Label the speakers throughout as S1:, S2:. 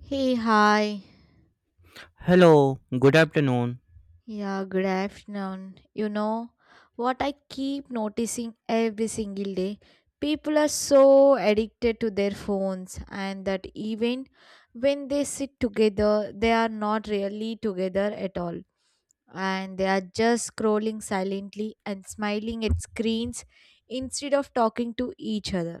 S1: Hey, hi.
S2: Hello, good afternoon.
S1: Yeah, good afternoon. You know what I keep noticing every single day? People are so addicted to their phones, and that even when they sit together, they are not really together at all. And they are just scrolling silently and smiling at screens instead of talking to each other.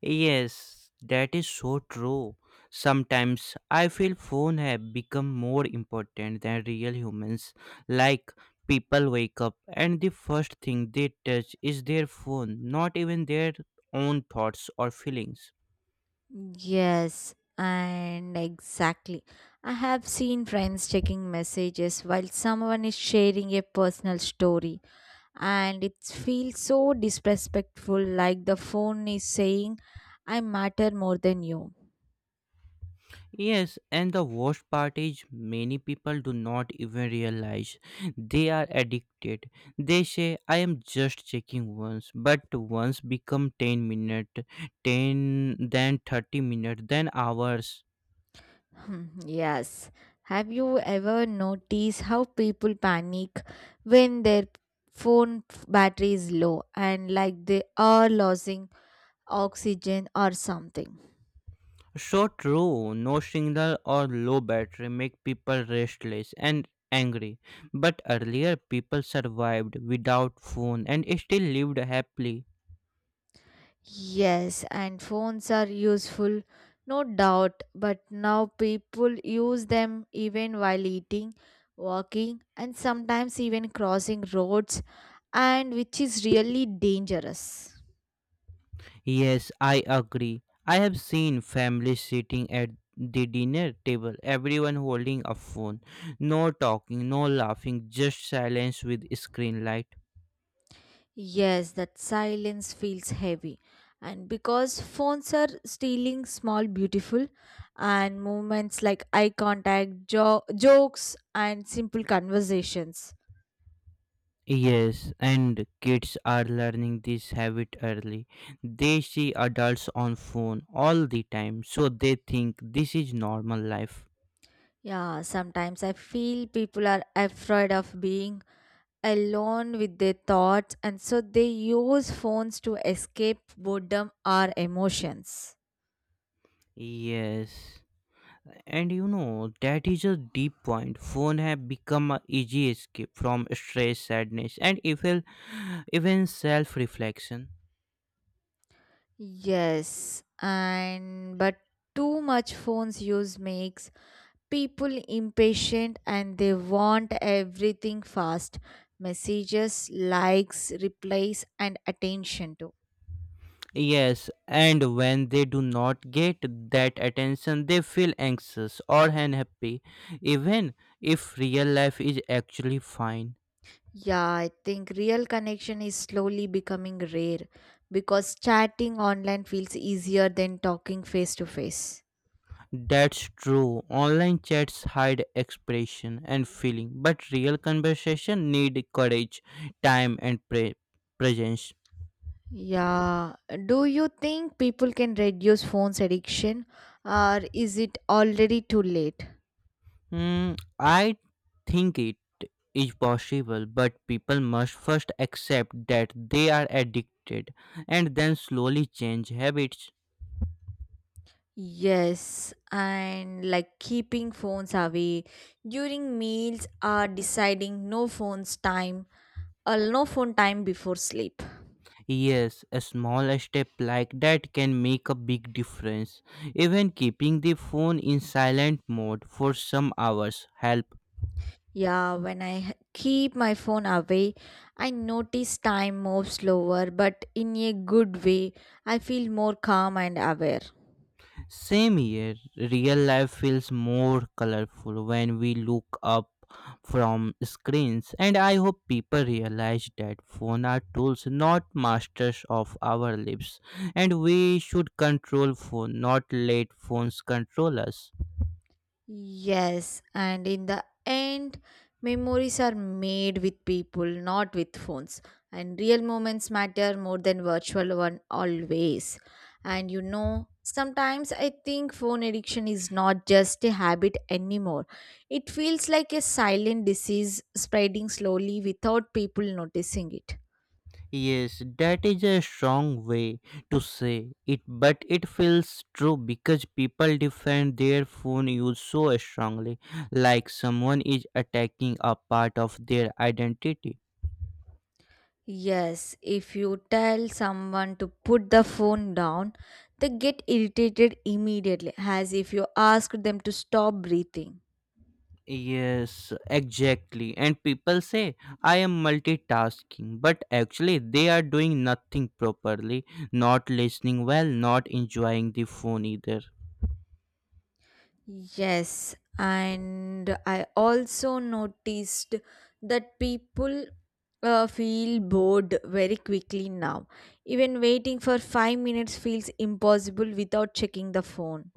S2: Yes, that is so true. Sometimes I feel phone have become more important than real humans. Like people wake up and the first thing they touch is their phone, not even their own thoughts or feelings.
S1: Yes, and exactly. I have seen friends checking messages while someone is sharing a personal story, and it feels so disrespectful like the phone is saying, I matter more than you.
S2: Yes, and the worst part is many people do not even realize they are addicted. They say, I am just checking once, but once become 10 minutes, 10, then 30 minutes, then hours.
S1: Hmm, yes. Have you ever noticed how people panic when their phone battery is low and like they are losing oxygen or something?
S2: So true, no signal or low battery make people restless and angry. But earlier people survived without phone and still lived happily.
S1: Yes, and phones are useful, no doubt, but now people use them even while eating, walking, and sometimes even crossing roads, and which is really dangerous.
S2: Yes, I agree. I have seen families sitting at the dinner table, everyone holding a phone. No talking, no laughing, just silence with screen light.
S1: Yes, that silence feels heavy, and because phones are stealing small, beautiful, and moments like eye contact, jokes, and simple conversations.
S2: Yes, and kids are learning this habit early. They see adults on phone all the time, so they think this is normal life.
S1: Yeah, sometimes I feel people are afraid of being alone with their thoughts and so they use phones to escape boredom or emotions.
S2: Yes. And you know, that is a deep point. Phone have become a easy escape from stress, sadness, and even self-reflection.
S1: Yes, and but too much phones use makes people impatient and they want everything fast, messages, likes, replies, and attention too.
S2: Yes, and when they do not get that attention, they feel anxious or unhappy, even if real life is actually fine.
S1: Yeah, I think real connection is slowly becoming rare because chatting online feels easier than talking face to face.
S2: That's true. Online chats hide expression and feeling, but real conversation need courage, time, and presence.
S1: Yeah. Do you think people can reduce phones addiction or is it already too late?
S2: Mm, I think it is possible, but people must first accept that they are addicted and then slowly change habits.
S1: Yes, and like keeping phones away during meals or deciding no phones time or no phone time before sleep.
S2: Yes, a small step like that can make a big difference. Even keeping the phone in silent mode for some hours helps.
S1: Yeah, when keep my phone away, I notice time moves slower, but in a good way, I feel more calm and aware.
S2: Same here, real life feels more colorful when we look up from screens, and I hope people realize that phones are tools, not masters of our lives, and we should control phone, not let phones control us.
S1: Yes, and in the end, memories are made with people, not with phones. And real moments matter more than virtual one always. And you know, sometimes I think phone addiction is not just a habit anymore. It feels like a silent disease spreading slowly without people noticing it.
S2: Yes, that is a strong way to say it, but it feels true because people defend their phone use so strongly, like someone is attacking a part of their identity.
S1: Yes, if you tell someone to put the phone down, they get irritated immediately, as if you ask them to stop breathing.
S2: Yes, exactly. And people say I am multitasking, but actually they are doing nothing properly, not listening well, not enjoying the phone either.
S1: Yes, and I also noticed that people feel bored very quickly now. Even waiting for 5 minutes feels impossible without checking the phone.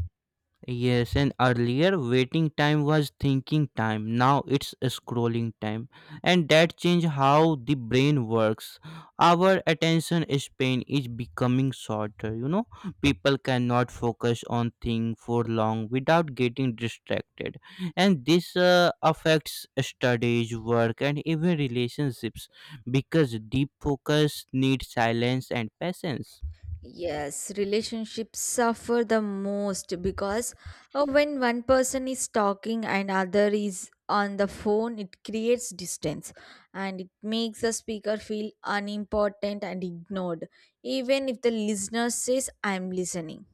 S2: Yes, and earlier waiting time was thinking time. Now it's scrolling time. And that changed how the brain works. Our attention span is becoming shorter, you know. People cannot focus on thing for long without getting distracted. And this affects studies, work and even relationships because deep focus needs silence and patience.
S1: Yes, relationships suffer the most because when one person is talking and other is on the phone, it creates distance and it makes the speaker feel unimportant and ignored, even if the listener says, I'm listening.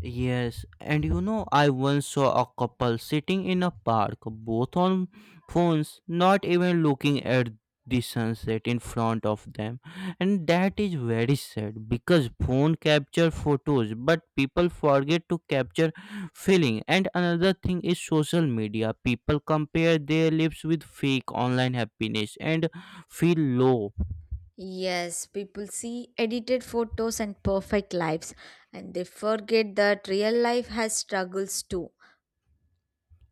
S2: Yes, and you know, I once saw a couple sitting in a park, both on phones, not even looking at the sunset in front of them. And that is very sad because phone capture photos, but people forget to capture feeling. And another thing is social media. People compare their lives with fake online happiness and feel low.
S1: Yes, people see edited photos and perfect lives, and they forget that real life has struggles too.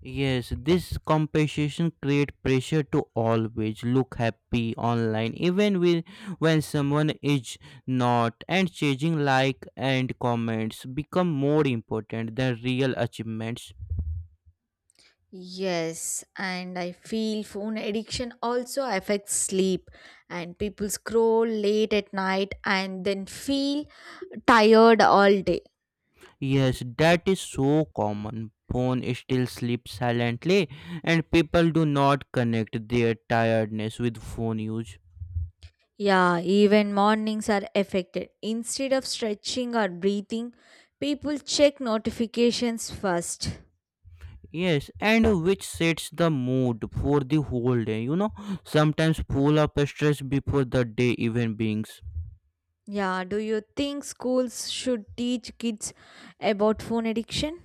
S2: Yes, this competition create pressure to always look happy online, when someone is not, and changing like and comments become more important than real achievements.
S1: Yes, and I feel phone addiction also affects sleep, and people scroll late at night and then feel tired all day.
S2: Yes, that is so common. Phone still sleeps silently, and people do not connect their tiredness with phone use.
S1: Yeah, even mornings are affected. Instead of stretching or breathing, people check notifications first.
S2: Yes, and which sets the mood for the whole day, you know, sometimes full of stress before the day even begins.
S1: Yeah, do you think schools should teach kids about phone addiction?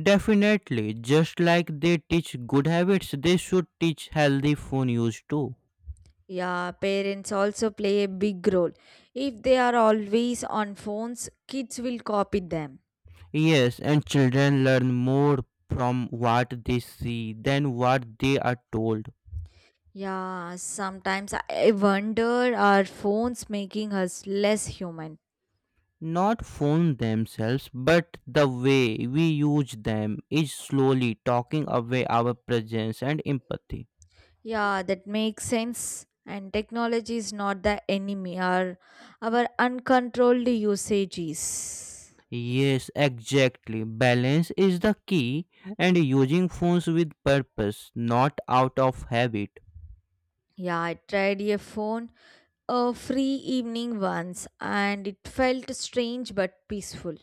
S2: Definitely, just like they teach good habits, they should teach healthy phone use too.
S1: Yeah, parents also play a big role. If they are always on phones, kids will copy them.
S2: Yes, and children learn more from what they see than what they are told.
S1: Yeah, sometimes I wonder, are phones making us less human?
S2: Not phone themselves, but the way we use them is slowly talking away our presence and empathy.
S1: Yeah, that makes sense. And technology is not the enemy, our uncontrolled usage is.
S2: Yes, exactly. Balance is the key and using phones with purpose, not out of habit.
S1: Yeah, I tried a phone a free evening once and it felt strange but peaceful.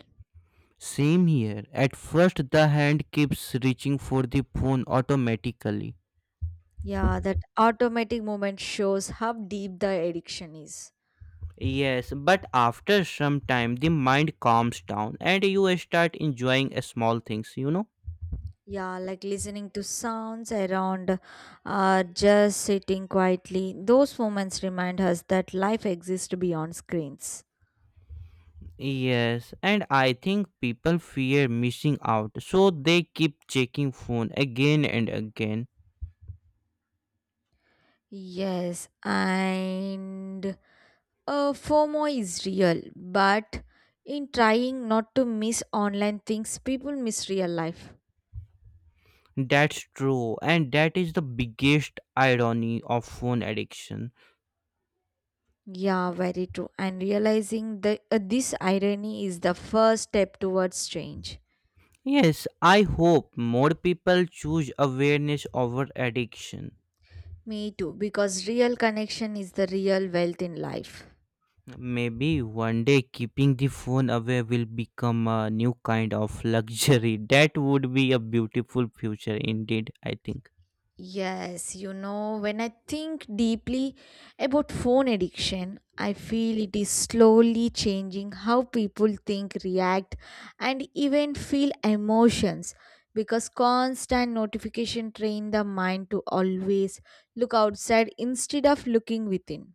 S2: Same here. At first, the hand keeps reaching for the phone automatically.
S1: Yeah, that automatic moment shows how deep the addiction is.
S2: Yes, but after some time, the mind calms down and you start enjoying small things, you know?
S1: Yeah, like listening to sounds around or just sitting quietly. Those moments remind us that life exists beyond screens.
S2: Yes, and I think people fear missing out, so they keep checking phone again and again.
S1: Yes, and FOMO is real, but in trying not to miss online things, people miss real life.
S2: That's true, and that is the biggest irony of phone addiction.
S1: Yeah, very true. And realizing the this irony is the first step towards change.
S2: Yes, I hope more people choose awareness over addiction.
S1: Me too, because real connection is the real wealth in life.
S2: Maybe one day keeping the phone away will become a new kind of luxury. That would be a beautiful future indeed, I think.
S1: Yes, you know, when I think deeply about phone addiction, I feel it is slowly changing how people think, react, and even feel emotions because constant notification train the mind to always look outside instead of looking within.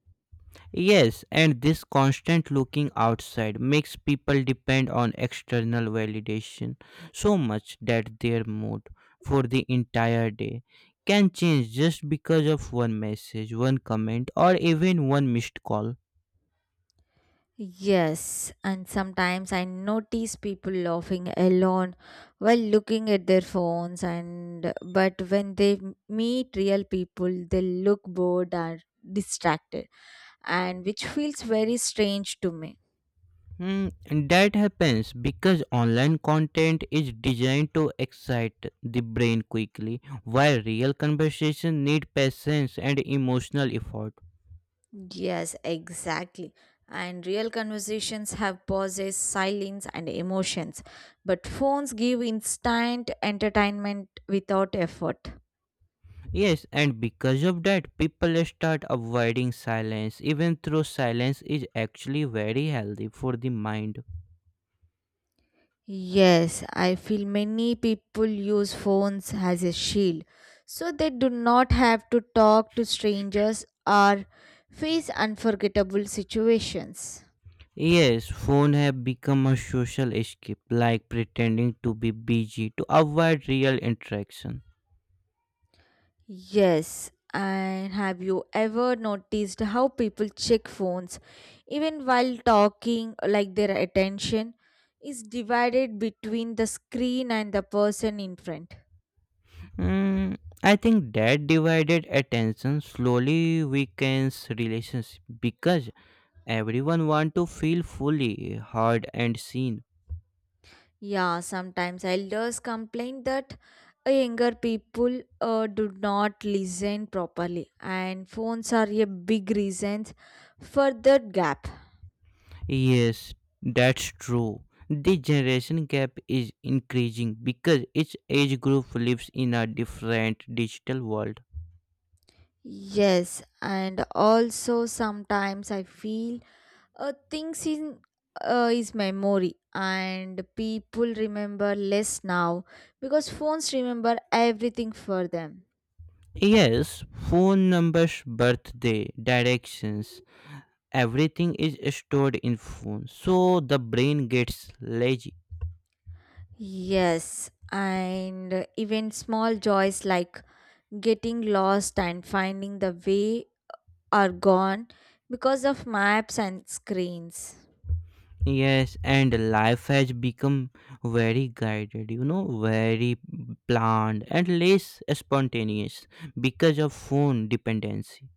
S2: Yes, and this constant looking outside makes people depend on external validation so much that their mood for the entire day can change just because of one message, one comment, or even one missed call.
S1: Yes, and sometimes I notice people laughing alone while looking at their phones and but when they meet real people they look bored or distracted and which feels very strange to me.
S2: Hmm, and that happens because online content is designed to excite the brain quickly, while real conversation need patience and emotional effort.
S1: Yes, exactly. And real conversations have pauses, silence and emotions, but phones give instant entertainment without effort.
S2: Yes, and because of that, people start avoiding silence, even though silence is actually very healthy for the mind.
S1: Yes, I feel many people use phones as a shield so they do not have to talk to strangers or face unforgettable situations.
S2: Yes, phone have become a social escape, like pretending to be busy to avoid real interaction.
S1: Yes, and have you ever noticed how people check phones even while talking, like their attention is divided between the screen and the person in front?
S2: Mm, I think that divided attention slowly weakens relationship because everyone want to feel fully heard and seen.
S1: Yeah, sometimes elders complain that younger people do not listen properly, and phones are a big reason for that gap.
S2: Yes, that's true. The generation gap is increasing because each age group lives in a different digital world.
S1: Yes, and also sometimes I feel things in is memory, and people remember less now because phones remember everything for them.
S2: Yes, phone numbers, birthday, directions, everything is stored in phone. So the brain gets lazy.
S1: Yes, and even small joys like getting lost and finding the way are gone because of maps and screens.
S2: Yes, and life has become very guided, you know, very planned and less spontaneous because of phone dependency.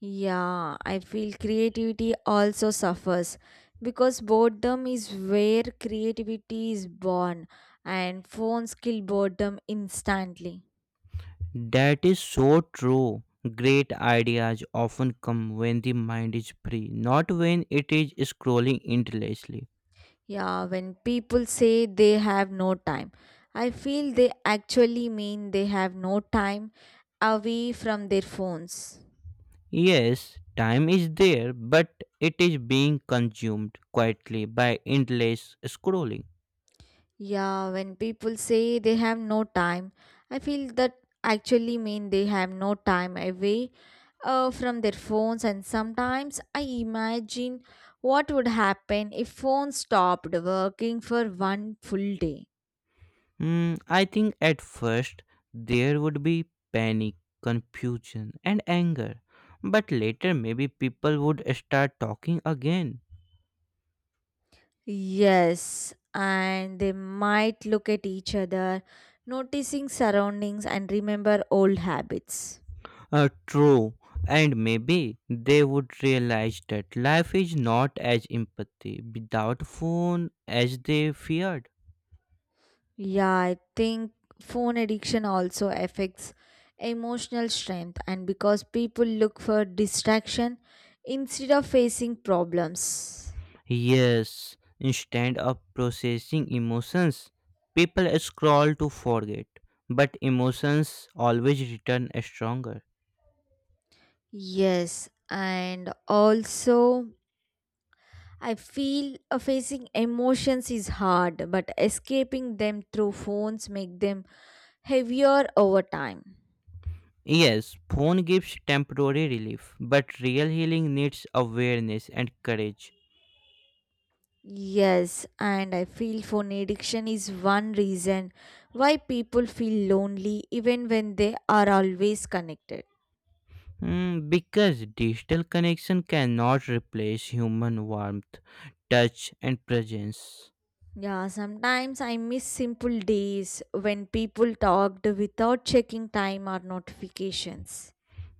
S1: Yeah, I feel creativity also suffers because boredom is where creativity is born and phones kill boredom instantly.
S2: That is so true. Great ideas often come when the mind is free, not when it is scrolling endlessly.
S1: Yeah, when people say they have no time, I feel they actually mean they have no time away from their phones.
S2: Yes, time is there, but it is being consumed quietly by endless scrolling.
S1: Yeah, when people say they have no time, I feel that actually mean they have no time away from their phones and sometimes I imagine what would happen if phones stopped working for one full day.
S2: Hmm, I think at first there would be panic, confusion, and anger, but later maybe people would start talking again.
S1: Yes, and they might look at each other, noticing surroundings and remember old habits.
S2: True, and maybe they would realize that life is not as empathy without phone as they feared.
S1: Yeah, I think phone addiction also affects emotional strength and because people look for distraction instead of facing problems.
S2: Yes, instead of processing emotions, people scroll to forget, but emotions always return stronger.
S1: Yes, and also I feel facing emotions is hard, but escaping them through phones make them heavier over time.
S2: Yes, phone gives temporary relief, but real healing needs awareness and courage.
S1: Yes, and I feel phone addiction is one reason why people feel lonely even when they are always connected.
S2: Mm, because digital connection cannot replace human warmth, touch, and presence.
S1: Yeah, sometimes I miss simple days when people talked without checking time or notifications.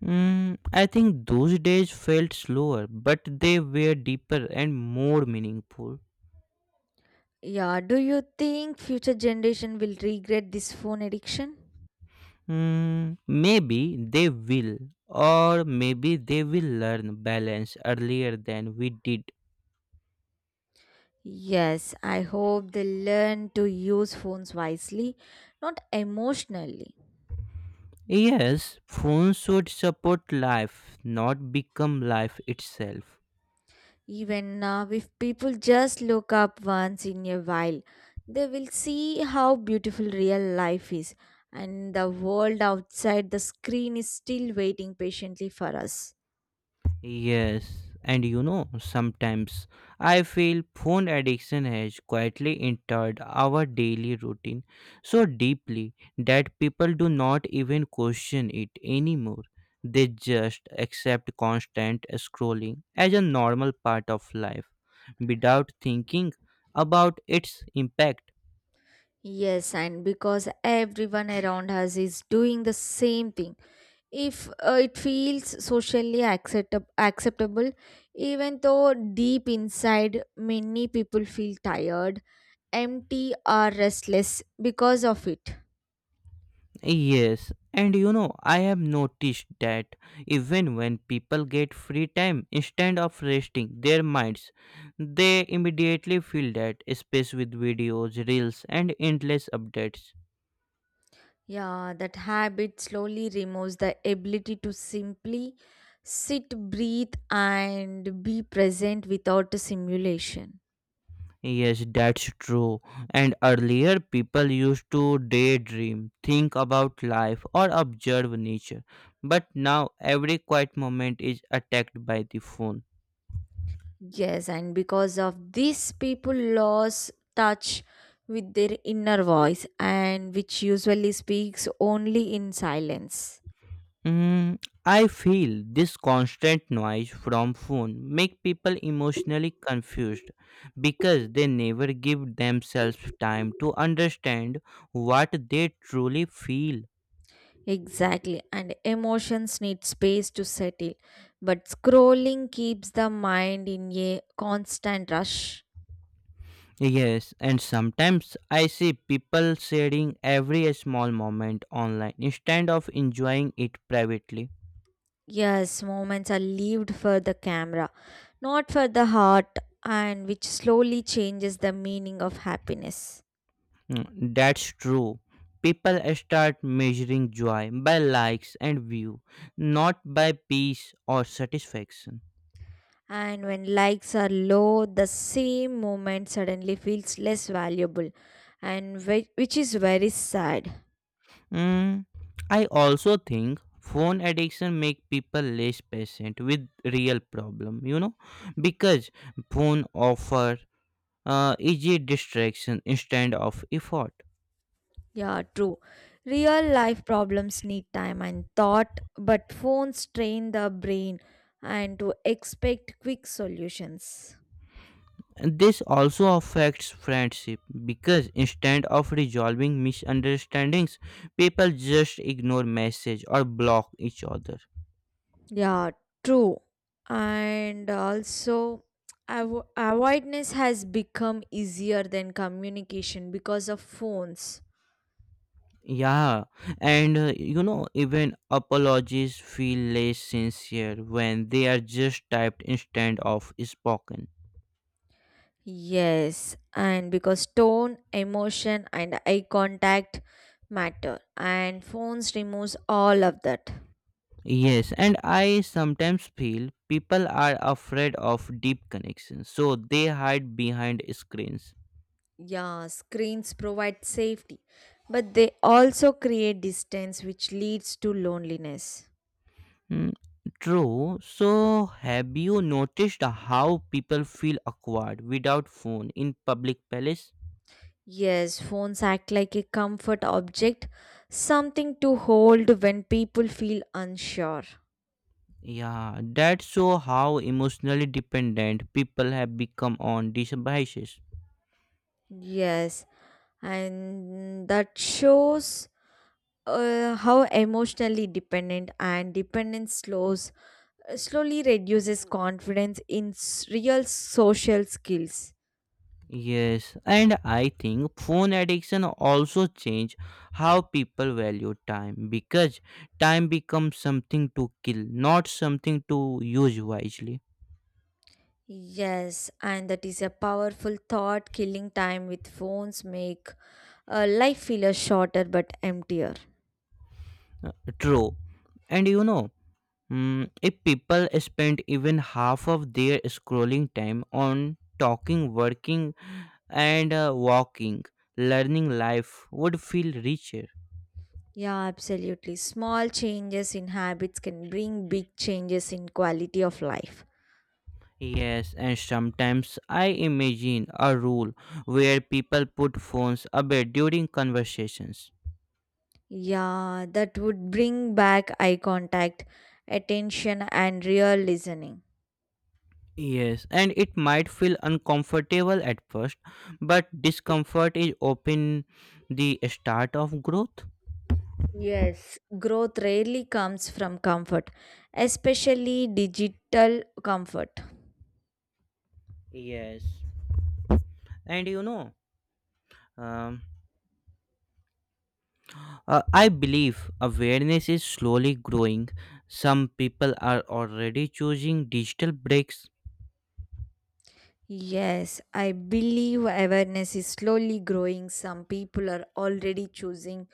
S2: Mm, I think those days felt slower, but they were deeper and more meaningful.
S1: Yeah, do you think future generation will regret this phone addiction?
S2: Mm, maybe they will, or maybe they will learn balance earlier than we did.
S1: Yes, I hope they learn to use phones wisely, not emotionally.
S2: Yes, phones should support life, not become life itself.
S1: Even now, if people just look up once in a while, they will see how beautiful real life is, and the world outside the screen is still waiting patiently for us.
S2: Yes, and you know, sometimes I feel phone addiction has quietly entered our daily routine so deeply that people do not even question it anymore. They just accept constant scrolling as a normal part of life without thinking about its impact.
S1: Yes, and because everyone around us is doing the same thing, if it feels socially acceptable, even though deep inside many people feel tired, empty, or restless because of it.
S2: Yes, and you know, I have noticed that even when people get free time, instead of resting their minds, they immediately fill that space with videos, reels, and endless updates.
S1: Yeah, that habit slowly removes the ability to simply sit, breathe, and be present without a simulation.
S2: Yes, that's true. And earlier, people used to daydream, think about life, or observe nature. But now, every quiet moment is attacked by the phone.
S1: Yes, and because of this, people lose touch with their inner voice, and which usually speaks only in silence.
S2: Mm, I feel this constant noise from phone make people emotionally confused because they never give themselves time to understand what they truly feel.
S1: Exactly, and emotions need space to settle, but scrolling keeps the mind in a constant rush.
S2: Yes, and sometimes I see people sharing every small moment online instead of enjoying it privately.
S1: Yes, moments are lived for the camera, not for the heart, and which slowly changes the meaning of happiness.
S2: Mm, that's true. People start measuring joy by likes and view, not by peace or satisfaction.
S1: And when likes are low, the same moment suddenly feels less valuable, and which is very sad.
S2: Mm, I also think phone addiction make people less patient with real problem, you know, because phone offer easy distraction instead of effort.
S1: Yeah, true. Real life problems need time and thought, but phones train the brain and to expect quick solutions.
S2: And this also affects friendship because instead of resolving misunderstandings, people just ignore message or block each other.
S1: Yeah, true. And also, avoidance has become easier than communication because of phones.
S2: Yeah, and you know, even apologies feel less sincere when they are just typed instead of spoken.
S1: Yes, and because tone, emotion, and eye contact matter, and phones removes all of that.
S2: Yes, and I sometimes feel people are afraid of deep connections, so they hide behind screens.
S1: Yeah, screens provide safety, but they also create distance, which leads to loneliness.
S2: Hmm, true. So, have you noticed how people feel awkward without phone in public places?
S1: Yes, phones act like a comfort object, something to hold when people feel unsure.
S2: Yeah, that show how emotionally dependent people have become on these devices.
S1: Yes, and that shows how emotionally dependent and dependence slows slowly reduces confidence in real social skills.
S2: Yes, and I think phone addiction also change how people value time because time becomes something to kill, not something to use wisely.
S1: Yes, and that is a powerful thought. Killing time with phones make life feel a shorter but emptier.
S2: True. And you know, if people spend even half of their scrolling time on talking, working, and walking, learning life would feel richer.
S1: Yeah, absolutely. Small changes in habits can bring big changes in quality of life.
S2: Yes, and sometimes I imagine a rule where people put phones away during conversations.
S1: Yeah, that would bring back eye contact, attention, and real listening.
S2: Yes, and it might feel uncomfortable at first, but discomfort is often the start of growth.
S1: Yes, growth rarely comes from comfort, especially digital comfort.
S2: Yes, and you know, um, I believe awareness is slowly growing. Some people are already choosing digital breaks.
S1: Yes, I believe awareness is slowly growing. Some people are already choosing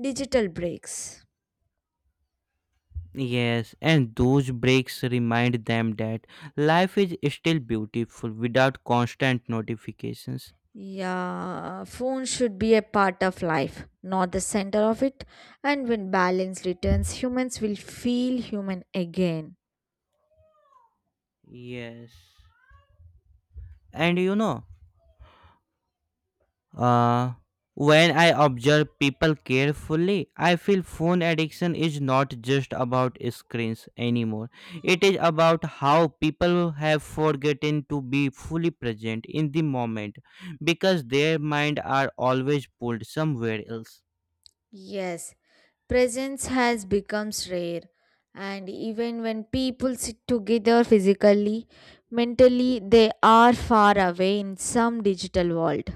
S1: digital breaks.
S2: Yes, and those breaks remind them that life is still beautiful without constant notifications.
S1: Yeah, phone should be a part of life, not the center of it. And when balance returns, humans will feel human again.
S2: Yes. And you know, uh, when I observe people carefully, I feel phone addiction is not just about screens anymore. It is about how people have forgotten to be fully present in the moment because their mind are always pulled somewhere else.
S1: Yes, presence has become rare. And even when people sit together physically, mentally, they are far away in some digital world.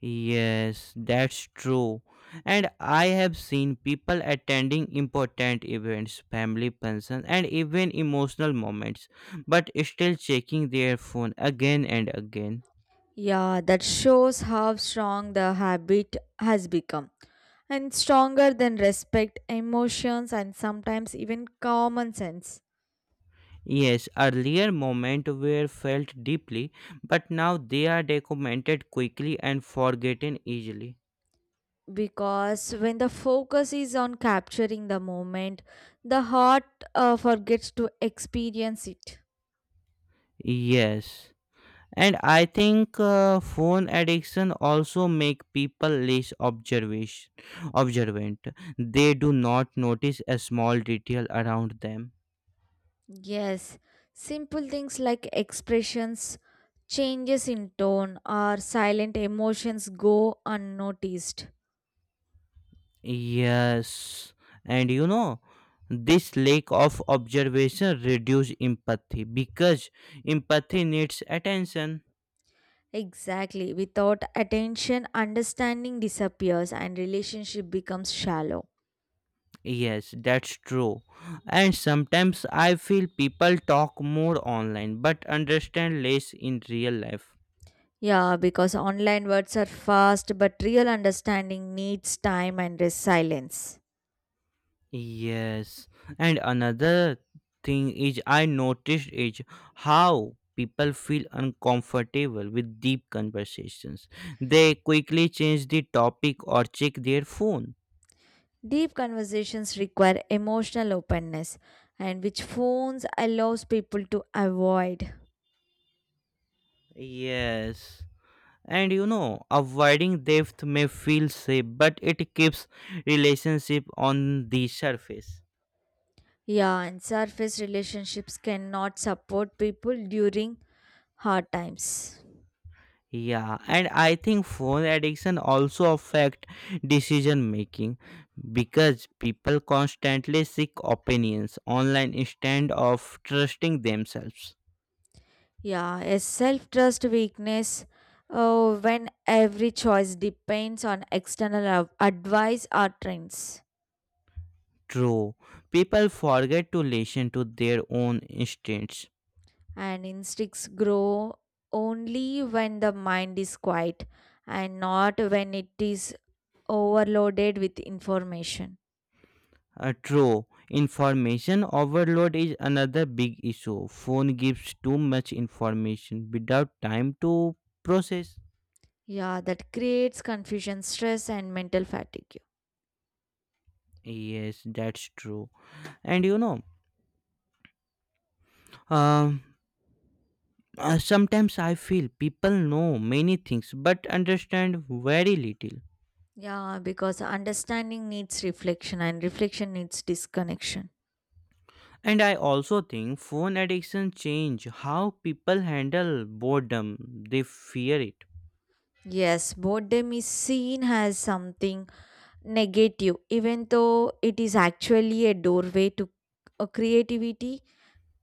S2: Yes, that's true. And I have seen people attending important events, family functions, and even emotional moments, but still checking their phone again and again.
S1: Yeah, that shows how strong the habit has become and stronger than respect, emotions, and sometimes even common sense.
S2: Yes, earlier moments were felt deeply, but now they are documented quickly and forgotten easily.
S1: Because when the focus is on capturing the moment, the heart forgets to experience it.
S2: Yes. And I think phone addiction also make people less observation observant. They do not notice a small detail around them.
S1: Yes, simple things like expressions, changes in tone, or silent emotions go unnoticed.
S2: Yes, and you know, this lack of observation reduce empathy because empathy needs attention.
S1: Exactly, without attention, understanding disappears and relationship becomes shallow.
S2: Yes, that's true. And sometimes I feel people talk more online but understand less in real life.
S1: Yeah, because online words are fast, but real understanding needs time and silence.
S2: Yes, and another thing is I noticed is how people feel uncomfortable with deep conversations. They quickly change the topic or check their phone.
S1: Deep conversations require emotional openness, and which phones allows people to avoid.
S2: Yes. And you know, avoiding depth may feel safe, but it keeps relationship on the surface.
S1: Yeah, and surface relationships cannot support people during hard times.
S2: Yeah, and I think phone addiction also affect decision making because people constantly seek opinions online instead of trusting themselves.
S1: Yeah, a self trust weakness oh, when every choice depends on external advice or trends.
S2: True, people forget to listen to their own instincts.
S1: And instincts grow only when the mind is quiet and not when it is overloaded with information.
S2: True, information overload is another big issue. Phone gives too much information without time to process.
S1: Yeah, that creates confusion, stress, and mental fatigue.
S2: Yes, that's true. And you know, um sometimes I feel people know many things but understand very little.
S1: Yeah, because understanding needs reflection and reflection needs disconnection.
S2: And I also think phone addiction change how people handle boredom. They fear it.
S1: Yes, boredom is seen as something negative, even though it is actually a doorway to creativity.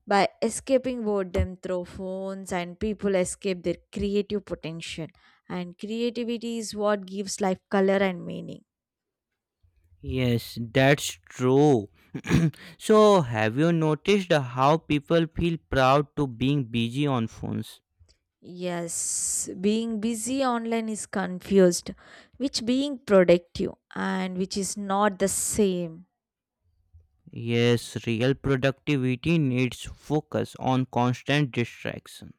S1: By escaping boredom through phones, and people escape their creative potential. And creativity is what gives life color and meaning.
S2: Yes, that's true. So have you noticed how people feel proud to being busy on phones?
S1: Yes, being busy online is confused, which being productive and which is not the same.
S2: Yes, real productivity needs focus on constant distraction.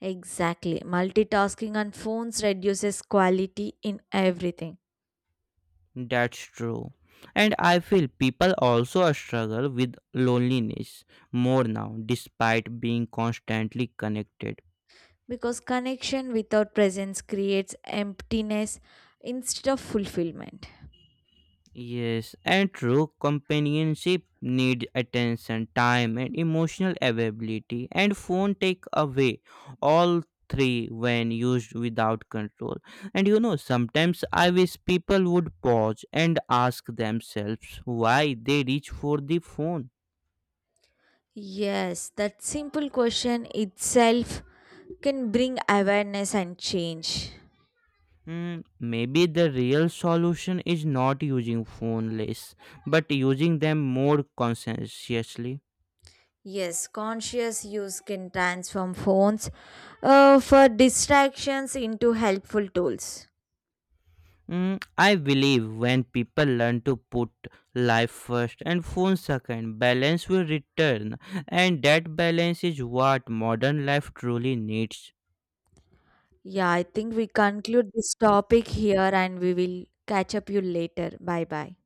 S1: Exactly. Multitasking on phones reduces quality in everything
S2: That's true. And I feel people also struggle with loneliness more now, despite being constantly connected.
S1: because connection without presence creates emptiness instead of fulfillment.
S2: Yes, and true companionship needs attention, time, and emotional availability, and phone take away all three when used without control. And you know, sometimes I wish people would pause and ask themselves why they reach for the phone.
S1: Yes, that simple question itself can bring awareness and change.
S2: Mm, maybe the real solution is not using phone less, but using them more conscientiously.
S1: Yes, conscious use can transform phones for distractions into helpful tools.
S2: Mm, I believe when people learn to put life first and phone second, balance will return, and that balance is what modern life truly needs.
S1: Yeah, I think we conclude this topic here and we will catch up you later. Bye bye.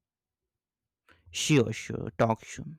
S2: Sure, sure. Talk soon.